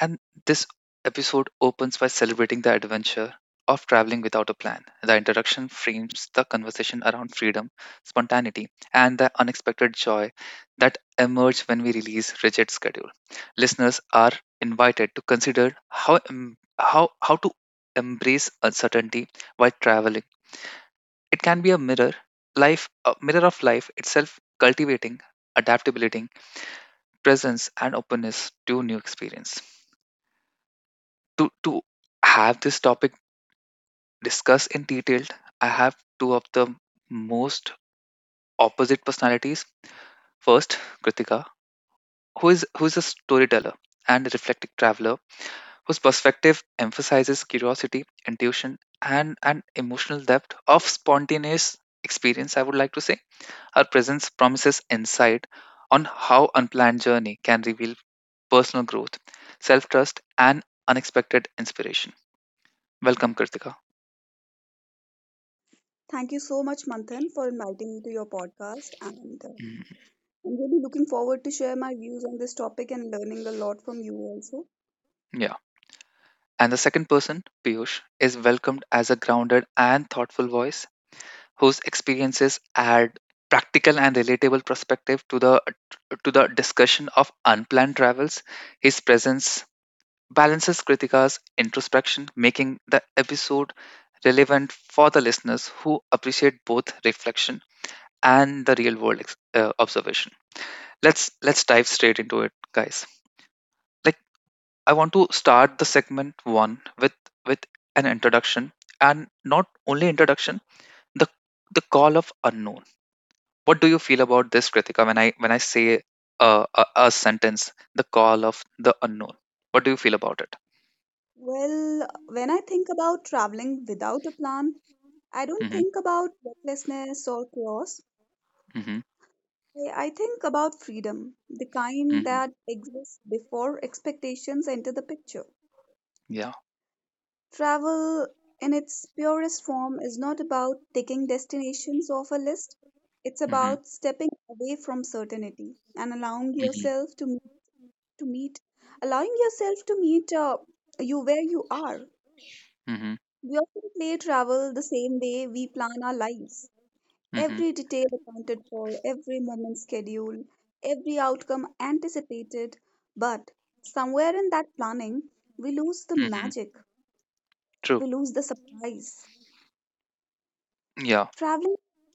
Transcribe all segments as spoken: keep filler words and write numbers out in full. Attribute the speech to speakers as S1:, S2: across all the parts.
S1: and this episode opens by celebrating the adventure of traveling without a plan. The introduction frames the conversation around freedom, spontaneity, and the unexpected joy that emerge when we release rigid schedule. Listeners are invited to consider how em- how how to embrace uncertainty while traveling. It can be a mirror, life, a mirror of life itself, cultivating adaptability presence and openness to new experience. To to have this topic discussed in detail, I have two of the most opposite personalities. First, Kritika, who is who is a storyteller and a reflective traveler, whose perspective emphasizes curiosity, intuition, and an emotional depth of spontaneous experience. I would like to say her presence promises insight on how unplanned journey can reveal personal growth, self trust, and unexpected inspiration. Welcome, Kritika.
S2: Thank you so much, Manthan, for inviting me to your podcast. And uh,
S1: Mhm.
S2: I'm really looking forward to share my views on this topic and learning a lot from you also.
S1: Yeah. And the second person, Piyush, is welcomed as a grounded and thoughtful voice whose experiences add practical and relatable perspective to the to the discussion of unplanned travels. His presence balances Kritika's introspection, making the episode relevant for the listeners who appreciate both reflection and the real world ex- uh, observation. let's let's dive straight into it guys like I want to start the segment one with with an introduction and not only introduction the the call of unknown. What do you feel about this, Kritika, when I when i say uh, a, a sentence, the call of the unknown? What do you feel about it?
S2: Well, when I think about traveling without a plan, I don't
S1: Mhm.
S2: think about recklessness or chaos.
S1: Mhm.
S2: I, I think about freedom, the kind
S1: Mhm.
S2: that exists before expectations enter the picture.
S1: Yeah.
S2: Travel in its purest form is not about ticking destinations off a list. It's
S1: Mhm.
S2: about stepping away from certainty and allowing
S1: Mhm.
S2: yourself to meet, to meet allowing yourself to meet uh, you where you are.
S1: Mhm.
S2: We often play travel the same way we plan our lives.
S1: Mhm.
S2: Every detail accounted for, every moment scheduled, every outcome anticipated. But somewhere in that planning, we lose the
S1: Mhm.
S2: magic,
S1: True.
S2: we lose the surprise.
S1: Yeah.
S2: Traveling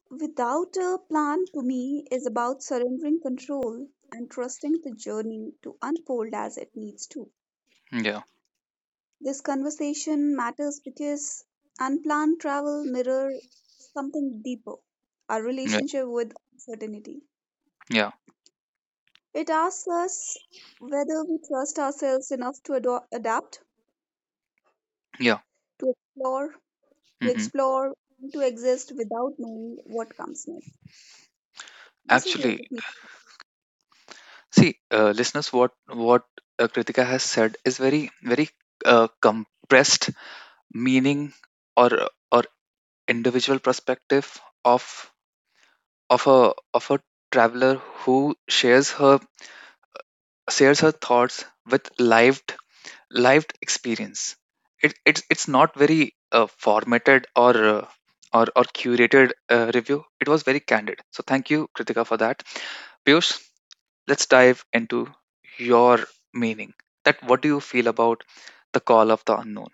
S2: without a plan to me is about surrendering control and trusting the journey to unfold as it needs to.
S1: Yeah.
S2: This conversation matters because unplanned travel mirrors something deeper, our
S1: Yeah.
S2: relationship with uncertainty.
S1: Yeah.
S2: It asks us whether we trust ourselves enough to ado- adapt,
S1: Yeah.
S2: to explore, to
S1: Mhm.
S2: explore, and to exist without knowing what comes next. This is what
S1: Actually.
S2: it means.
S1: See, uh, listeners, what what uh, Kritika has said is very very uh, compressed meaning or or individual perspective of of a of a traveler who shares her shares her thoughts with lived lived experience. It, it's it's not very uh, formatted or uh, or or curated uh, review. It was very candid. So thank you, Kritika, for that. Piyush, let's dive into your meaning. That what do you feel about the call of the unknown?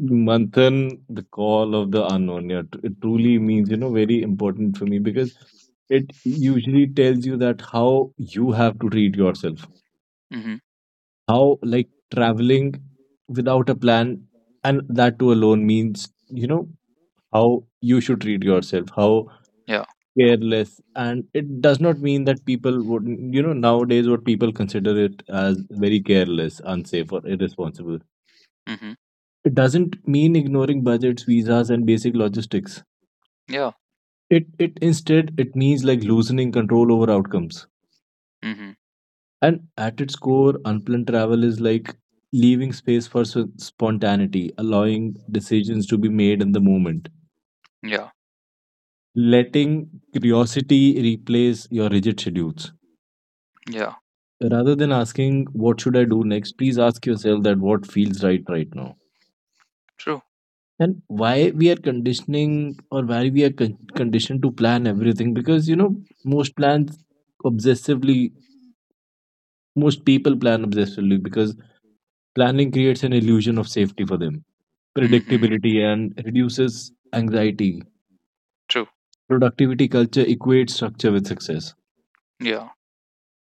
S3: Manthan, the call of the unknown. Yeah, tr- it truly means, you know, very important for me because it usually tells you that how you have to treat yourself.
S1: Mm-hmm.
S3: How, like, traveling without a plan and that too alone means, you know, how you should treat yourself, how
S1: Yeah.
S3: careless. And it does not mean that people would, you know, nowadays what people consider it as very careless, unsafe, or irresponsible.
S1: Mm-hmm.
S3: It doesn't mean ignoring budgets, visas, and basic logistics.
S1: Yeah.
S3: It it instead it means like loosening control over outcomes.
S1: Mm-hmm.
S3: And at its core, unplanned travel is like leaving space for s- spontaneity, allowing decisions to be made in the moment,
S1: Yeah.
S3: letting curiosity replace your rigid schedules.
S1: Yeah.
S3: Rather than asking what should I do next, please ask yourself that what feels right right now.
S1: True.
S3: And why we are conditioning or why we are con- conditioned to plan everything because you know most plans obsessively most people plan obsessively because planning creates an illusion of safety for them,
S1: Mm-hmm.
S3: predictability, and reduces anxiety.
S1: True.
S3: Productivity culture equates structure with success.
S1: Yeah.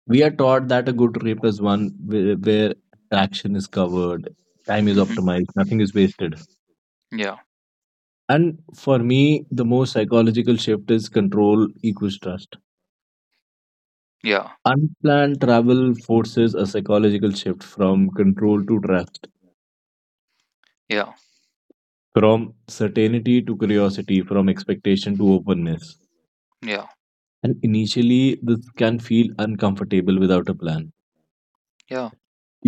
S3: We are taught that a good trip is one where, where traction is covered, time is
S1: Mm-hmm.
S3: optimized, nothing is wasted.
S1: Yeah.
S3: And for me, the most psychological shift is control equals trust.
S1: Yeah.
S3: Unplanned travel forces a psychological shift from control to trust,
S1: Yeah.
S3: from certainty to curiosity, from expectation to openness.
S1: Yeah.
S3: And initially this can feel uncomfortable without a plan,
S1: Yeah.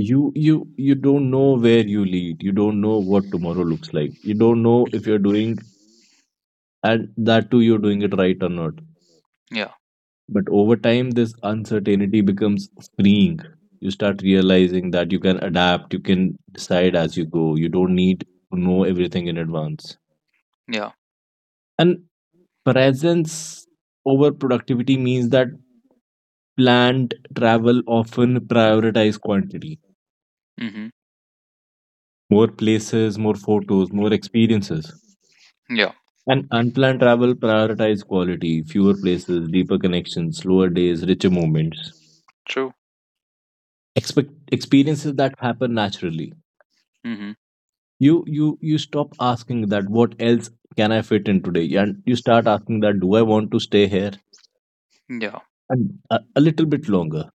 S3: you you you don't know where you lead, you don't know what tomorrow looks like, you don't know if you're doing, and that too you're doing it right or not.
S1: Yeah.
S3: But over time this uncertainty becomes freeing. You start realizing that you can adapt, you can decide as you go, you don't need to know everything in advance.
S1: Yeah.
S3: And presence over productivity means that planned travel often prioritize quantity.
S1: Mm-hmm.
S3: More places, more photos, more experiences.
S1: Yeah.
S3: And unplanned travel prioritize quality, fewer places, deeper connections, slower days, richer moments.
S1: True.
S3: Expect experiences that happen naturally.
S1: Mm-hmm.
S3: You you you stop asking that what else can I fit in today, and you start asking that do I want to stay here
S1: Yeah.
S3: and a, a little bit longer.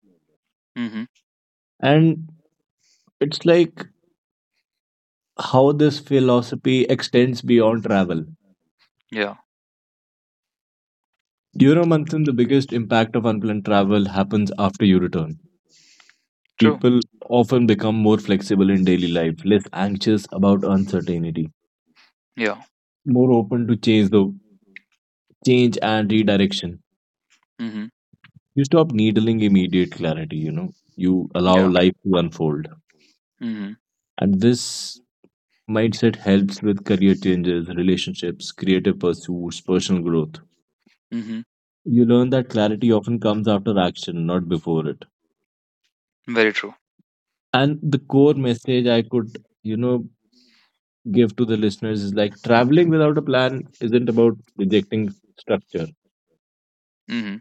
S1: Mm-hmm.
S3: And it's like how this philosophy extends beyond travel.
S1: Yeah.
S3: You know, Manthan, the biggest impact of unplanned travel happens after you return.
S1: True.
S3: People often become more flexible in daily life, less anxious about uncertainty,
S1: Yeah.
S3: more open to change the change and redirection.
S1: Mm-hmm.
S3: You stop needling immediate clarity, you know. You allow
S1: Yeah.
S3: life to unfold.
S1: Mm-hmm.
S3: And this mindset helps with career changes, relationships, creative pursuits, personal growth.
S1: Mm-hmm.
S3: You learn that clarity often comes after action, not before it.
S1: Very true.
S3: And the core message I could, you know, give to the listeners is like traveling without a plan isn't about rejecting structure.
S1: Mm-hmm.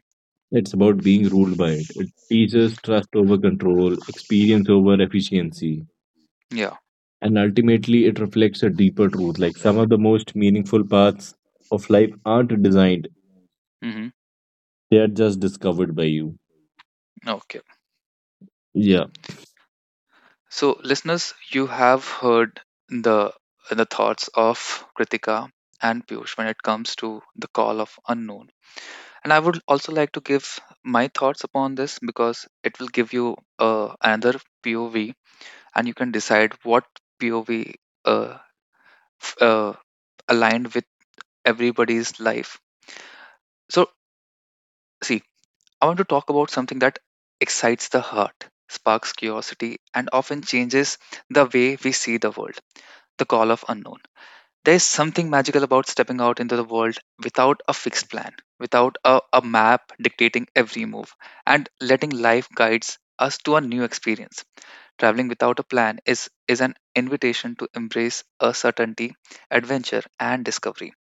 S3: It's about being ruled by it. It teaches trust over control, experience over efficiency,
S1: Yeah.
S3: and ultimately it reflects a deeper truth. Like some of the most meaningful paths of life aren't designed,
S1: Mm-hmm.
S3: they are just discovered by you.
S1: Okay.
S3: Yeah.
S1: So, listeners, you have heard the the thoughts of Kritika and Piyush when it comes to the call of unknown. And I would also like to give my thoughts upon this because it will give you uh, another P O V, and you can decide what P O V uh, f- uh, aligned with everybody's life. So, see, I want to talk about something that excites the heart, sparks curiosity, and often changes the way we see the world. The call of unknown. There's something magical about stepping out into the world without a fixed plan, without a, a map dictating every move, and letting life guides us to a new experience. Traveling without a plan is, is an invitation to embrace uncertainty, adventure, and discovery.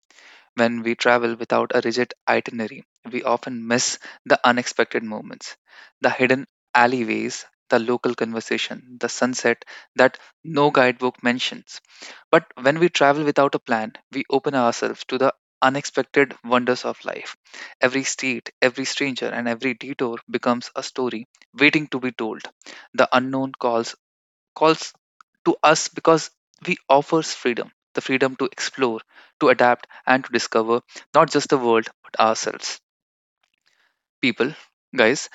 S1: When we travel without a rigid itinerary, we often miss the unexpected moments, the hidden alleyways, the local conversation, the sunset that no guidebook mentions. But when we travel without a plan, we open ourselves to the unexpected wonders of life. Every street, every stranger, and every detour becomes a story waiting to be told. The unknown calls calls to us because we offers freedom, the freedom to explore, to adapt, and to discover not just the world but ourselves, people, guys.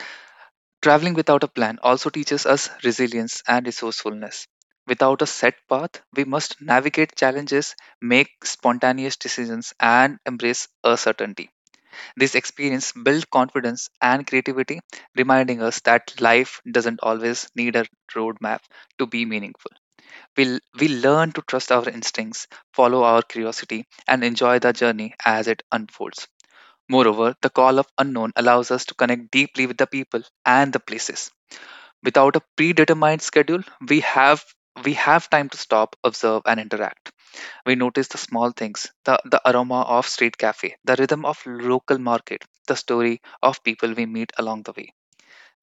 S1: Traveling without a plan also teaches us resilience and resourcefulness. Without a set path, we must navigate challenges, make spontaneous decisions, and embrace uncertainty. This experience builds confidence and creativity, reminding us that life doesn't always need a roadmap to be meaningful. We, we learn to trust our instincts, follow our curiosity, and enjoy the journey as it unfolds. Moreover, the call of unknown allows us to connect deeply with the people and the places. Without a predetermined schedule, we have we have time to stop, observe, and interact. We notice the small things, the, the aroma of street cafe, the rhythm of local market, the story of people we meet along the way.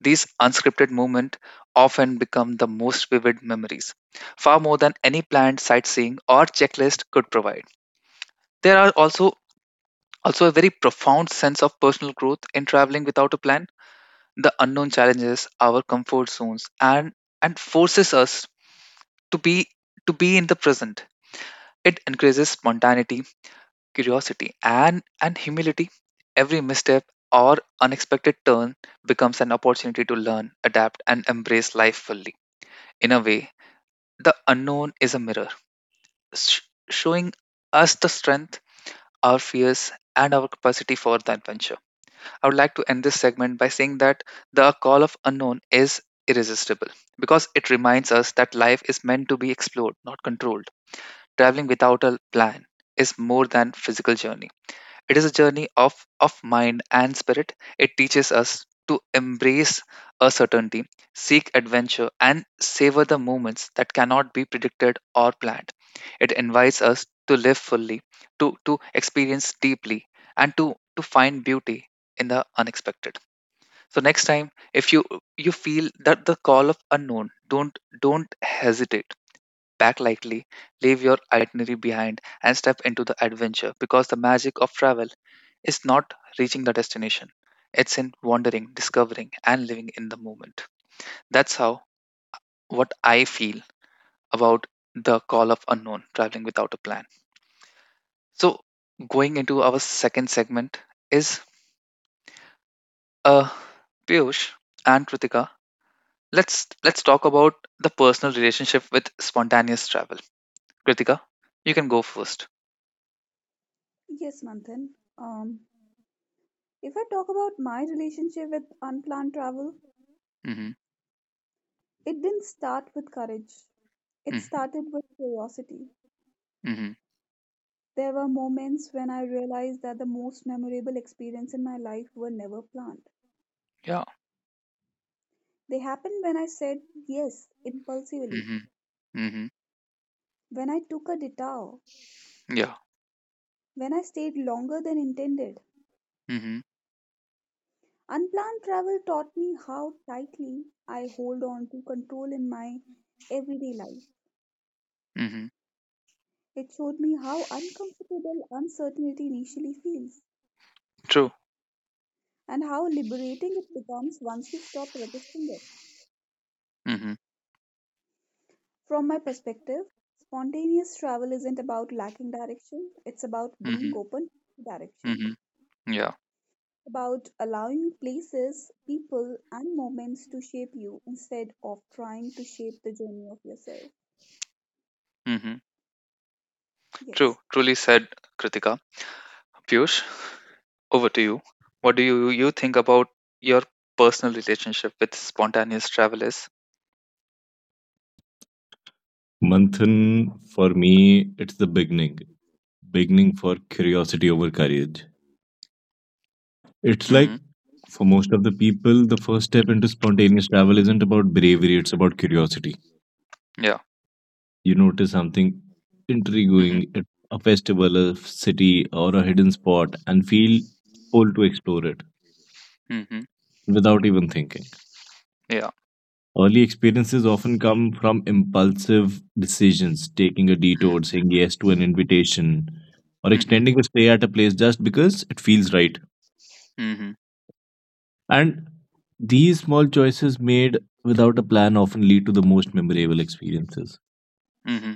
S1: These unscripted moments often become the most vivid memories, far more than any planned sightseeing or checklist could provide. There are also also a very profound sense of personal growth in traveling without a plan. The unknown challenges our comfort zones and and forces us to be to be in the present. It increases spontaneity, curiosity, and and humility. Every misstep or unexpected turn becomes an opportunity to learn, adapt, and embrace life fully. In a way, the unknown is a mirror, sh- showing us the strength, our fears, and our capacity for the adventure. I would like to end this segment by saying that the call of unknown is irresistible because it reminds us that life is meant to be explored, not controlled. Traveling without a plan is more than physical journey. It is a journey of, of mind and spirit. It teaches us to embrace a certainty, seek adventure, and savor the moments that cannot be predicted or planned. It invites us to live fully, to, to experience deeply, and to, to find beauty in the unexpected. So next time, if you you feel that the call of unknown, don't don't hesitate. Pack lightly, leave your itinerary behind, and step into the adventure because the magic of travel is not reaching the destination. It's in wandering, discovering, and living in the moment. That's how what I feel about the call of unknown, traveling without a plan. So, going into our second segment is uh, Piyush and Kritika. Let's let's talk about the personal relationship with spontaneous travel. Kritika, you can go first.
S2: Yes, Manthan. Um, If I talk about my relationship with unplanned travel,
S1: Mm-hmm.
S2: it didn't start with courage. It
S1: Mm-hmm.
S2: started with curiosity.
S1: Mm-hmm.
S2: There were moments when I realized that the most memorable experience in my life were never planned.
S1: Yeah.
S2: They happened when I said yes impulsively,
S1: Mm-hmm. Mm-hmm.
S2: when I took a detour,
S1: Yeah.
S2: when I stayed longer than intended.
S1: Mm-hmm.
S2: Unplanned travel taught me how tightly I hold on to control in my everyday life.
S1: Mm-hmm.
S2: It showed me how uncomfortable uncertainty initially feels
S1: True.
S2: and how liberating it becomes once you stop resisting it.
S1: Mm-hmm.
S2: From my perspective, spontaneous travel isn't about lacking direction, it's about being
S1: Mm-hmm.
S2: open to direction,
S1: Mm-hmm. Yeah.
S2: about allowing places, people, and moments to shape you instead of trying to shape the journey of yourself.
S1: Mm-hmm.
S2: Yes,
S1: True, truly said, Kritika. Piyush, over to you. What do you you think about your personal relationship with spontaneous travel is?
S3: Manthan, for me, it's the beginning. Beginning for curiosity over courage. It's like
S1: Mm-hmm.
S3: for most of the people, the first step into spontaneous travel isn't about bravery, it's about curiosity.
S1: Yeah.
S3: You notice something
S1: Mm-hmm.
S3: intriguing at a festival, a city, or a hidden spot and feel pulled to explore it
S1: Mm-hmm.
S3: without even thinking.
S1: Yeah.
S3: Early experiences often come from impulsive decisions, taking a
S1: Mm-hmm.
S3: detour, saying yes to an invitation, or
S1: Mm-hmm.
S3: extending a stay at a place just because it feels right.
S1: Mm-hmm.
S3: And these small choices made without a plan often lead to the most memorable experiences.
S1: Mm-hmm.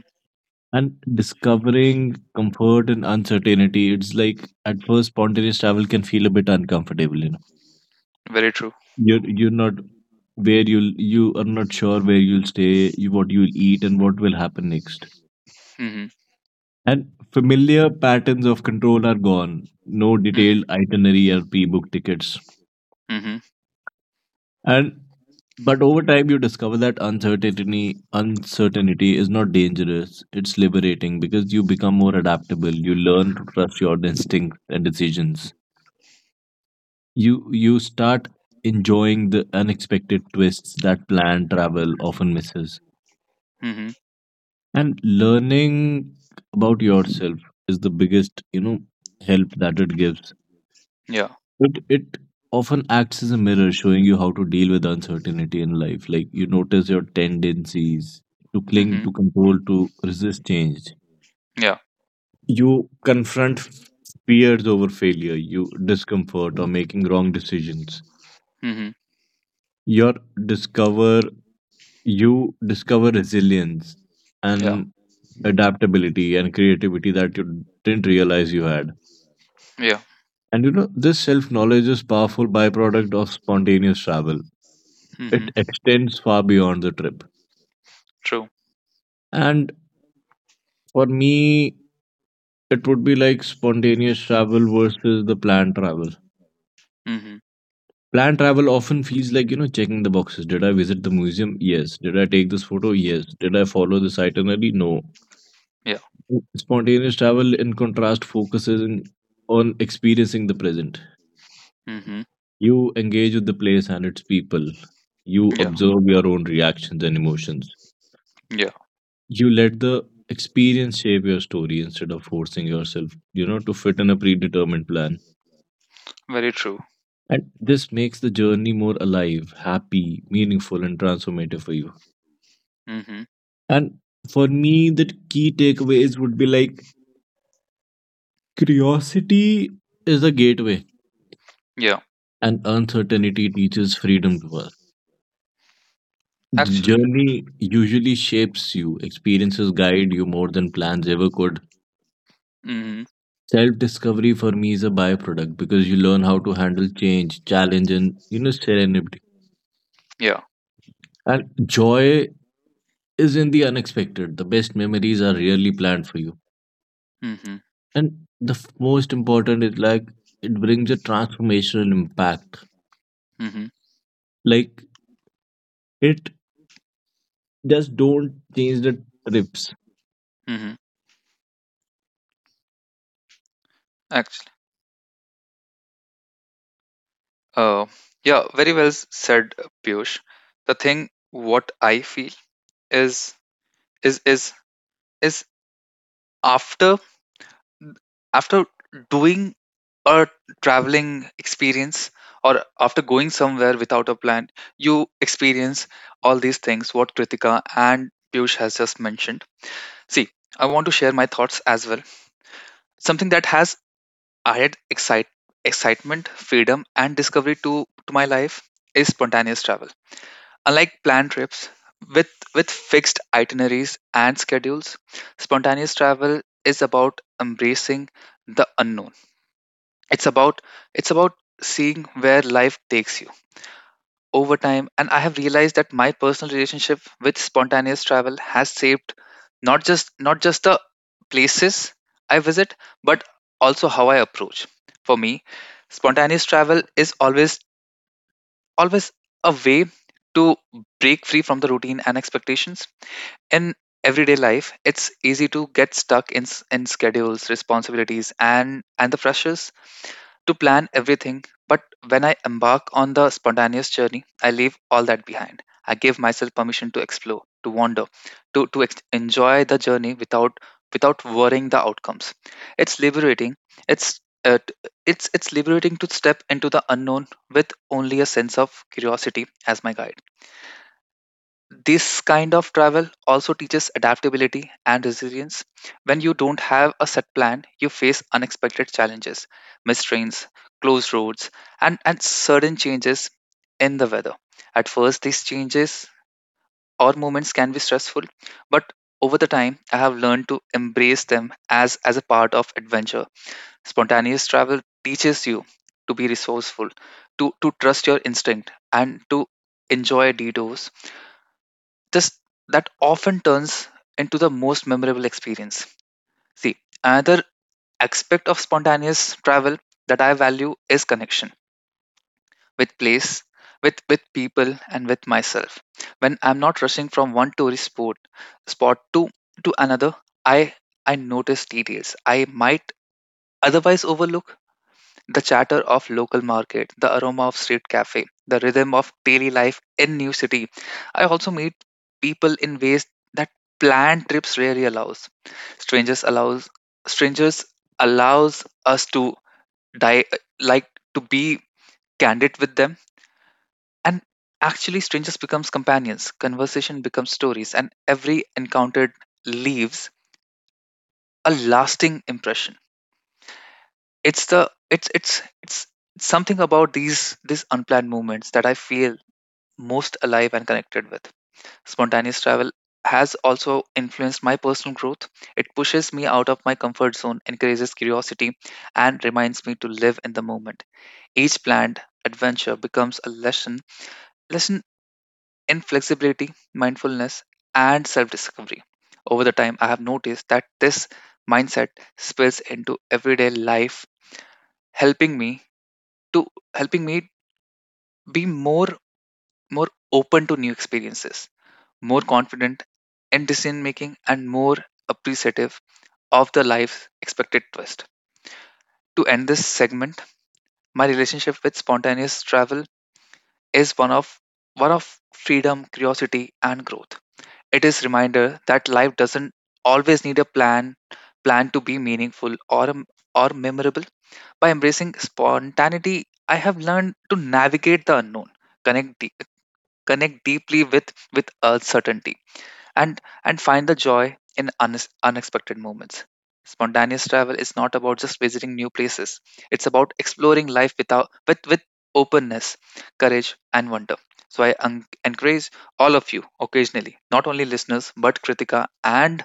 S3: And discovering comfort and uncertainty, it's like at first spontaneous travel can feel a bit uncomfortable, you know.
S1: Very true.
S3: You're you're not where you'll you are not sure where you'll stay, you, what you'll eat and what will happen next.
S1: Mm-hmm.
S3: And familiar patterns of control are gone. No
S1: Mm-hmm.
S3: detailed itinerary or pre-booked tickets.
S1: Mm-hmm.
S3: And but over time you discover that uncertainty uncertainty is not dangerous. It's liberating because you become more adaptable. You learn to trust your instincts and decisions. You you start enjoying the unexpected twists that planned travel often misses.
S1: Mm-hmm.
S3: And learning about yourself is the biggest, you know, help that it gives.
S1: Yeah.
S3: It it often acts as a mirror showing you how to deal with uncertainty in life. Like you notice your tendencies to cling
S1: Mm-hmm.
S3: to control, to resist change.
S1: Yeah.
S3: You confront fears over failure, you discomfort or making wrong decisions.
S1: Mm-hmm.
S3: Your discover you discover resilience
S1: Yeah.
S3: and adaptability and creativity that you didn't realize you had.
S1: Yeah.
S3: And you know, this self knowledge is powerful byproduct of spontaneous travel. It
S1: Mm-hmm.
S3: extends far beyond the trip.
S1: True.
S3: And for me, it would be like spontaneous travel versus the planned travel.
S1: Mm-hmm.
S3: Planned travel often feels like, you know, checking the boxes. Did I visit the museum? Yes. Did I take this photo? Yes. Did I follow this itinerary? No.
S1: Yeah.
S3: Spontaneous travel, in contrast, focuses in, on experiencing the present.
S1: Mm-hmm.
S3: You engage with the place and its people. You
S1: Yeah.
S3: observe your own reactions and emotions.
S1: Yeah.
S3: You let the experience shape your story instead of forcing yourself, you know to fit in a predetermined plan.
S1: Very true.
S3: And this makes the journey more alive, happy, meaningful and transformative for you.
S1: Mm-hmm.
S3: And for me the key takeaways would be like curiosity is a gateway
S1: Yeah.
S3: and uncertainty teaches freedom to us. The
S1: Actually.
S3: journey usually shapes you. Experiences guide you more than plans ever could.
S1: Mm-hmm.
S3: Self discovery for me is a byproduct because you learn how to handle change, challenge, and you know, serenity.
S1: Yeah.
S3: And joy is in the unexpected. The best memories are really planned for you.
S1: Mm-hmm.
S3: And the f- most important is like it brings a transformational impact.
S1: Mm-hmm.
S3: Like it just don't change the trips.
S1: Mm-hmm. Uh, yeah, very well s- said, uh, Piyush. The thing what I feel is is is is after after doing a traveling experience or after going somewhere without a plan, you experience all these things what Kritika and Piyush has just mentioned. See, I want to share my thoughts as well. Something that has added excite, excitement, freedom, and discovery to, to my life is spontaneous travel. Unlike planned trips, with, with fixed itineraries and schedules, spontaneous travel is about embracing the unknown. It's about it's about seeing where life takes you over time. And I have realized that my personal relationship with spontaneous travel has shaped not just not just the places I visit, but also how I approach. For me, spontaneous travel is always always a way to break free from the routine and expectations in everyday life. It's easy to get stuck in, s- in schedules, responsibilities, and and the pressures to plan everything. But when I embark on the spontaneous journey, I leave all that behind. I give myself permission to explore, to wander, to to ex- enjoy the journey without without worrying the outcomes. It's liberating. It's uh, t- it's it's liberating to step into the unknown with only a sense of curiosity as my guide. This kind of travel also teaches adaptability and resilience. When you don't have a set plan, you face unexpected challenges, missed trains, closed roads, and, and sudden changes in the weather. At first, these changes or moments can be stressful, but over the time, I have learned to embrace them as, as a part of adventure. Spontaneous travel teaches you to be resourceful, to, to trust your instinct, and to enjoy detours this that often turns into the most memorable experience. See, another aspect of spontaneous travel that I value is connection with place, with with people, and with myself. When I'm not rushing from one tourist spot spot to to another, I I notice details I might otherwise overlook. The chatter of local market, the aroma of street cafe, the rhythm of daily life in new city. I also meet people in ways that planned trips rarely allows. Strangers allows strangers allows us to die like to be candid with them, and actually strangers becomes companions, conversation becomes stories, and every encountered leaves a lasting impression. It's the it's it's it's it's something about these these unplanned movements that I feel most alive and connected with. Spontaneous travel has also influenced my personal growth. It pushes me out of my comfort zone, encourages curiosity, and reminds me to live in the moment. Each planned adventure becomes a lesson lesson in flexibility, mindfulness, and self discovery. Over the time, I have noticed that this mindset spills into everyday life, helping me to helping me be more more open to new experiences, more confident in decision making, and more appreciative of the life's expected twist. To end this segment, my relationship with spontaneous travel is one of one of freedom, curiosity, and growth. It is reminder that life doesn't always need a plan plan to be meaningful or a- or memorable. By embracing spontaneity, I have learned to navigate the unknown, connect connect deeply with with uncertainty, and and find the joy in unex unexpected moments. Spontaneous travel is not about just visiting new places. It's about exploring life without with with openness, courage, and wonder. So I en- encourage all of you, occasionally not only listeners but Kritika and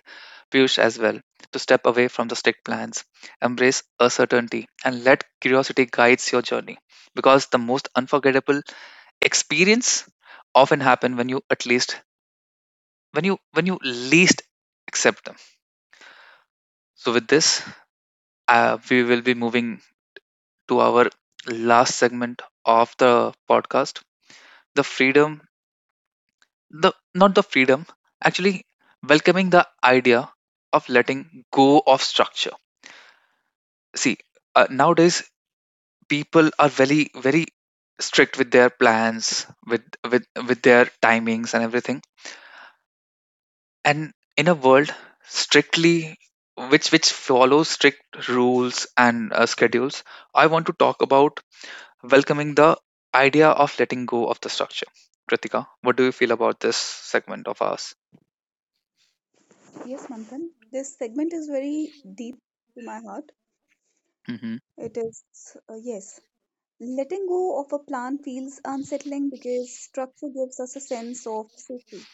S1: Push as well, to step away from the strict plans, embrace uncertainty, and let curiosity guides your journey. Because the most unforgettable experience often happen when you at least when you when you least accept them. So with this, uh, we will be moving to our last segment of the podcast. The freedom, the not the freedom, actually welcoming the idea of letting go of structure. See, uh, nowadays people are very very strict with their plans, with with with their timings and everything, and in a world strictly which which follows strict rules and uh, schedules, I want to talk about welcoming the idea of letting go of the structure. Kritika, what do you feel about this segment of ours?
S2: yes, Manthan. This segment is very deep to my heart.
S1: Mm-hmm.
S2: It is, uh, yes. Letting go of a plan feels unsettling because structure gives us a sense of safety.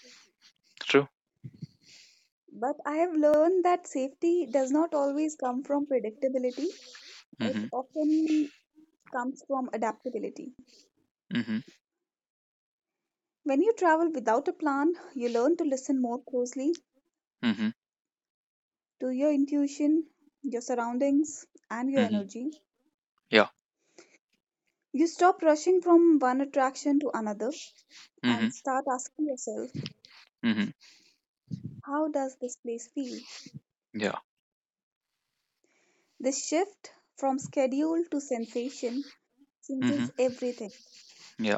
S1: True.
S2: But I have learned that safety does not always come from predictability, it
S1: Mm-hmm.
S2: often comes from adaptability.
S1: Mm-hmm.
S2: When you travel without a plan, you learn to listen more closely
S1: Mm-hmm.
S2: to your intuition, your surroundings, and your
S1: Mm-hmm.
S2: energy.
S1: Yeah.
S2: You stop rushing from one attraction to another
S1: Mm-hmm.
S2: and start asking yourself,
S1: Mm-hmm.
S2: how does this place feel?
S1: Yeah.
S2: This shift from schedule to sensation
S1: Mm-hmm.
S2: changes everything.
S1: Yeah.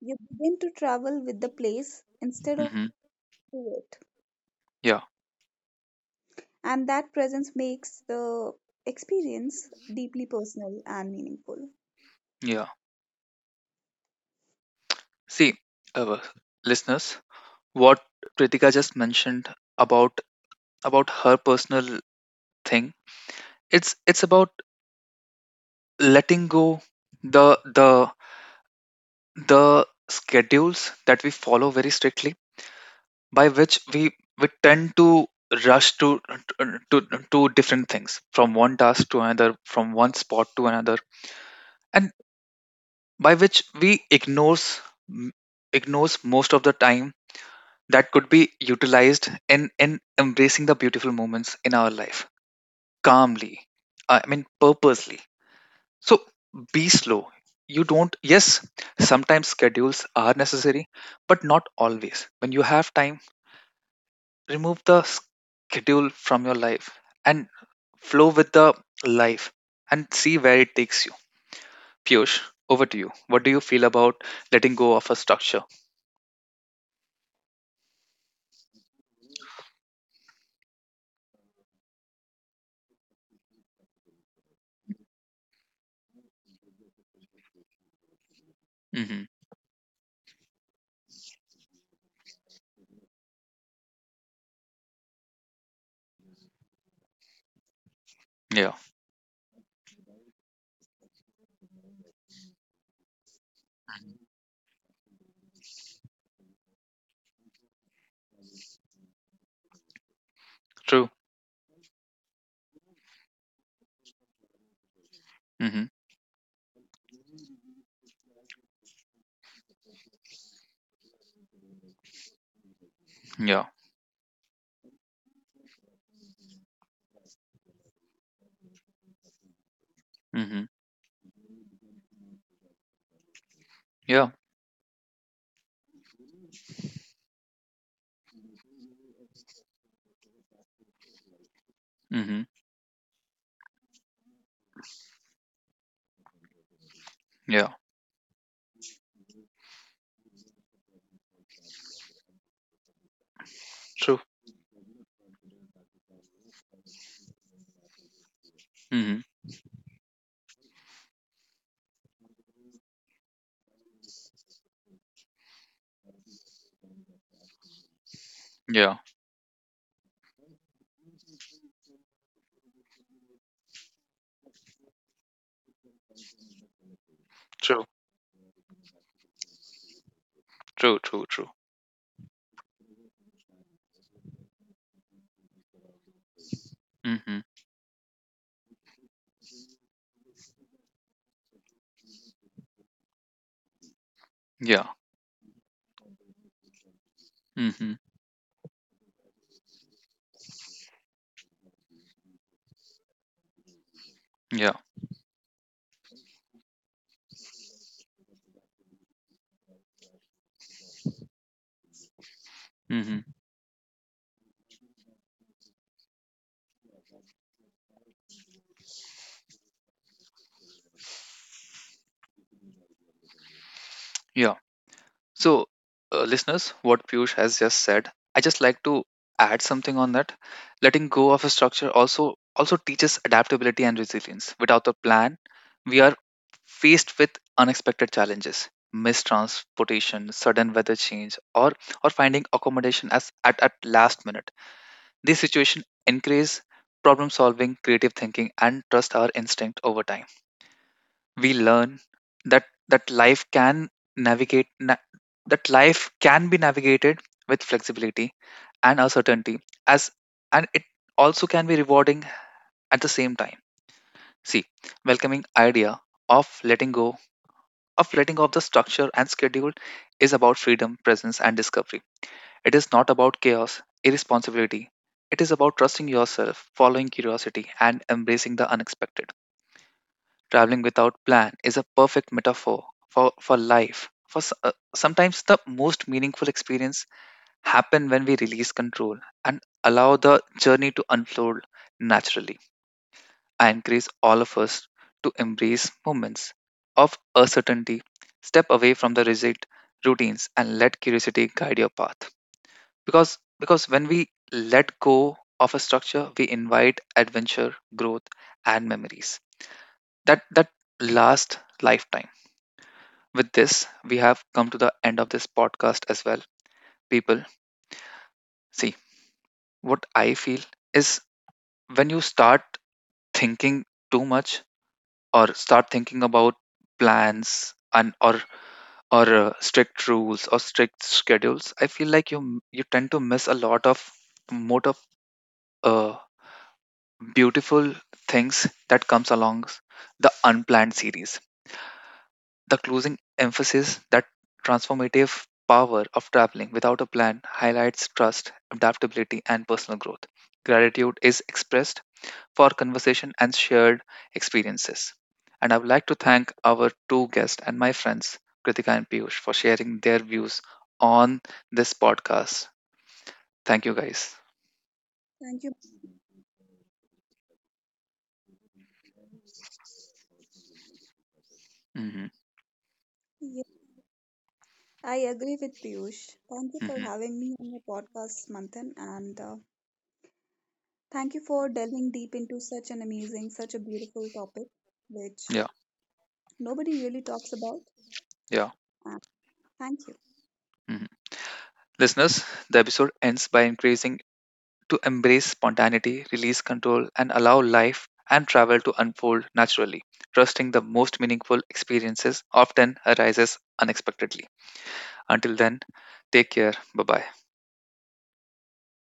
S2: You begin to travel with the place instead of
S1: Mm-hmm.
S2: to it,
S1: Yeah,
S2: and that presence makes the experience deeply personal and meaningful.
S1: yeah. See, uh, listeners, what Kritika just mentioned about about her personal thing, it's it's about letting go the the the schedules that we follow very strictly, by which we we tend to rush to to to different things from one task to another, from one spot to another, and by which we ignores m- ignores most of the time that could be utilized in in embracing the beautiful moments in our life calmly, uh, I mean purposely. So be slow. You don't. Yes, sometimes schedules are necessary but not always. When you have time, remove the schedule from your life and flow with the life and see where it takes you. Piyush, over to you. What do you feel about letting go of a structure? Hmm. Yeah, true. Hmm. Yeah. Hmm. Yeah. Hmm. True. Mhm. Yeah. True. True, true, true. Hmm. Yeah. Hmm. Yeah. Hmm. Yeah. So, uh, listeners, what Piyush has just said, I just like to add something on that. Letting go of a structure also also teaches adaptability and resilience. Without a plan, we are faced with unexpected challenges, mistransportation, sudden weather change, or or finding accommodation as at, at last minute. These situations increase problem solving, creative thinking, and trust our instinct over time. We learn that that life can navigate na- that life can be navigated with flexibility and uncertainty as and it also can be rewarding at the same time. See, welcoming idea of letting go of letting go of the structure and schedule is about freedom, presence, and discovery. It is not about chaos, irresponsibility. It is about trusting yourself, following curiosity, and embracing the unexpected. Traveling without plan is a perfect metaphor for, for life. For s- uh, sometimes the most meaningful experience happen when we release control and allow the journey to unfold naturally. I encourage all of us to embrace moments of uncertainty, step away from the rigid routines, and let curiosity guide your path. Because because when we let go of a structure, we invite adventure, growth, and memories that that last lifetime. With this, we have come to the end of this podcast as well, people. See, what I feel is when you start thinking too much or start thinking about plans and or or uh, strict rules or strict schedules, I feel like you you tend to miss a lot of more of uh. beautiful things that comes along the unplanned series. The closing emphasis that transformative power of traveling without a plan highlights trust, adaptability, and personal growth. Gratitude is expressed for conversation and shared experiences, and I would like to thank our two guests and my friends Kritika and Piyush for sharing their views on this podcast. Thank you guys.
S2: Thank you.
S1: Hmm.
S2: Yeah, I agree with Piyush. Thank you for
S1: Hmm.
S2: having me on your podcast, Manthan, and uh, thank you for delving deep into such an amazing, such a beautiful topic, which
S1: Yeah.
S2: nobody really talks about.
S1: Yeah.
S2: And thank you.
S1: Mhm. Listeners, the episode ends by encouraging to embrace spontaneity, release control, and allow life and travel to unfold naturally. Trusting the most meaningful experiences often arises unexpectedly. Until then, take care. Bye bye.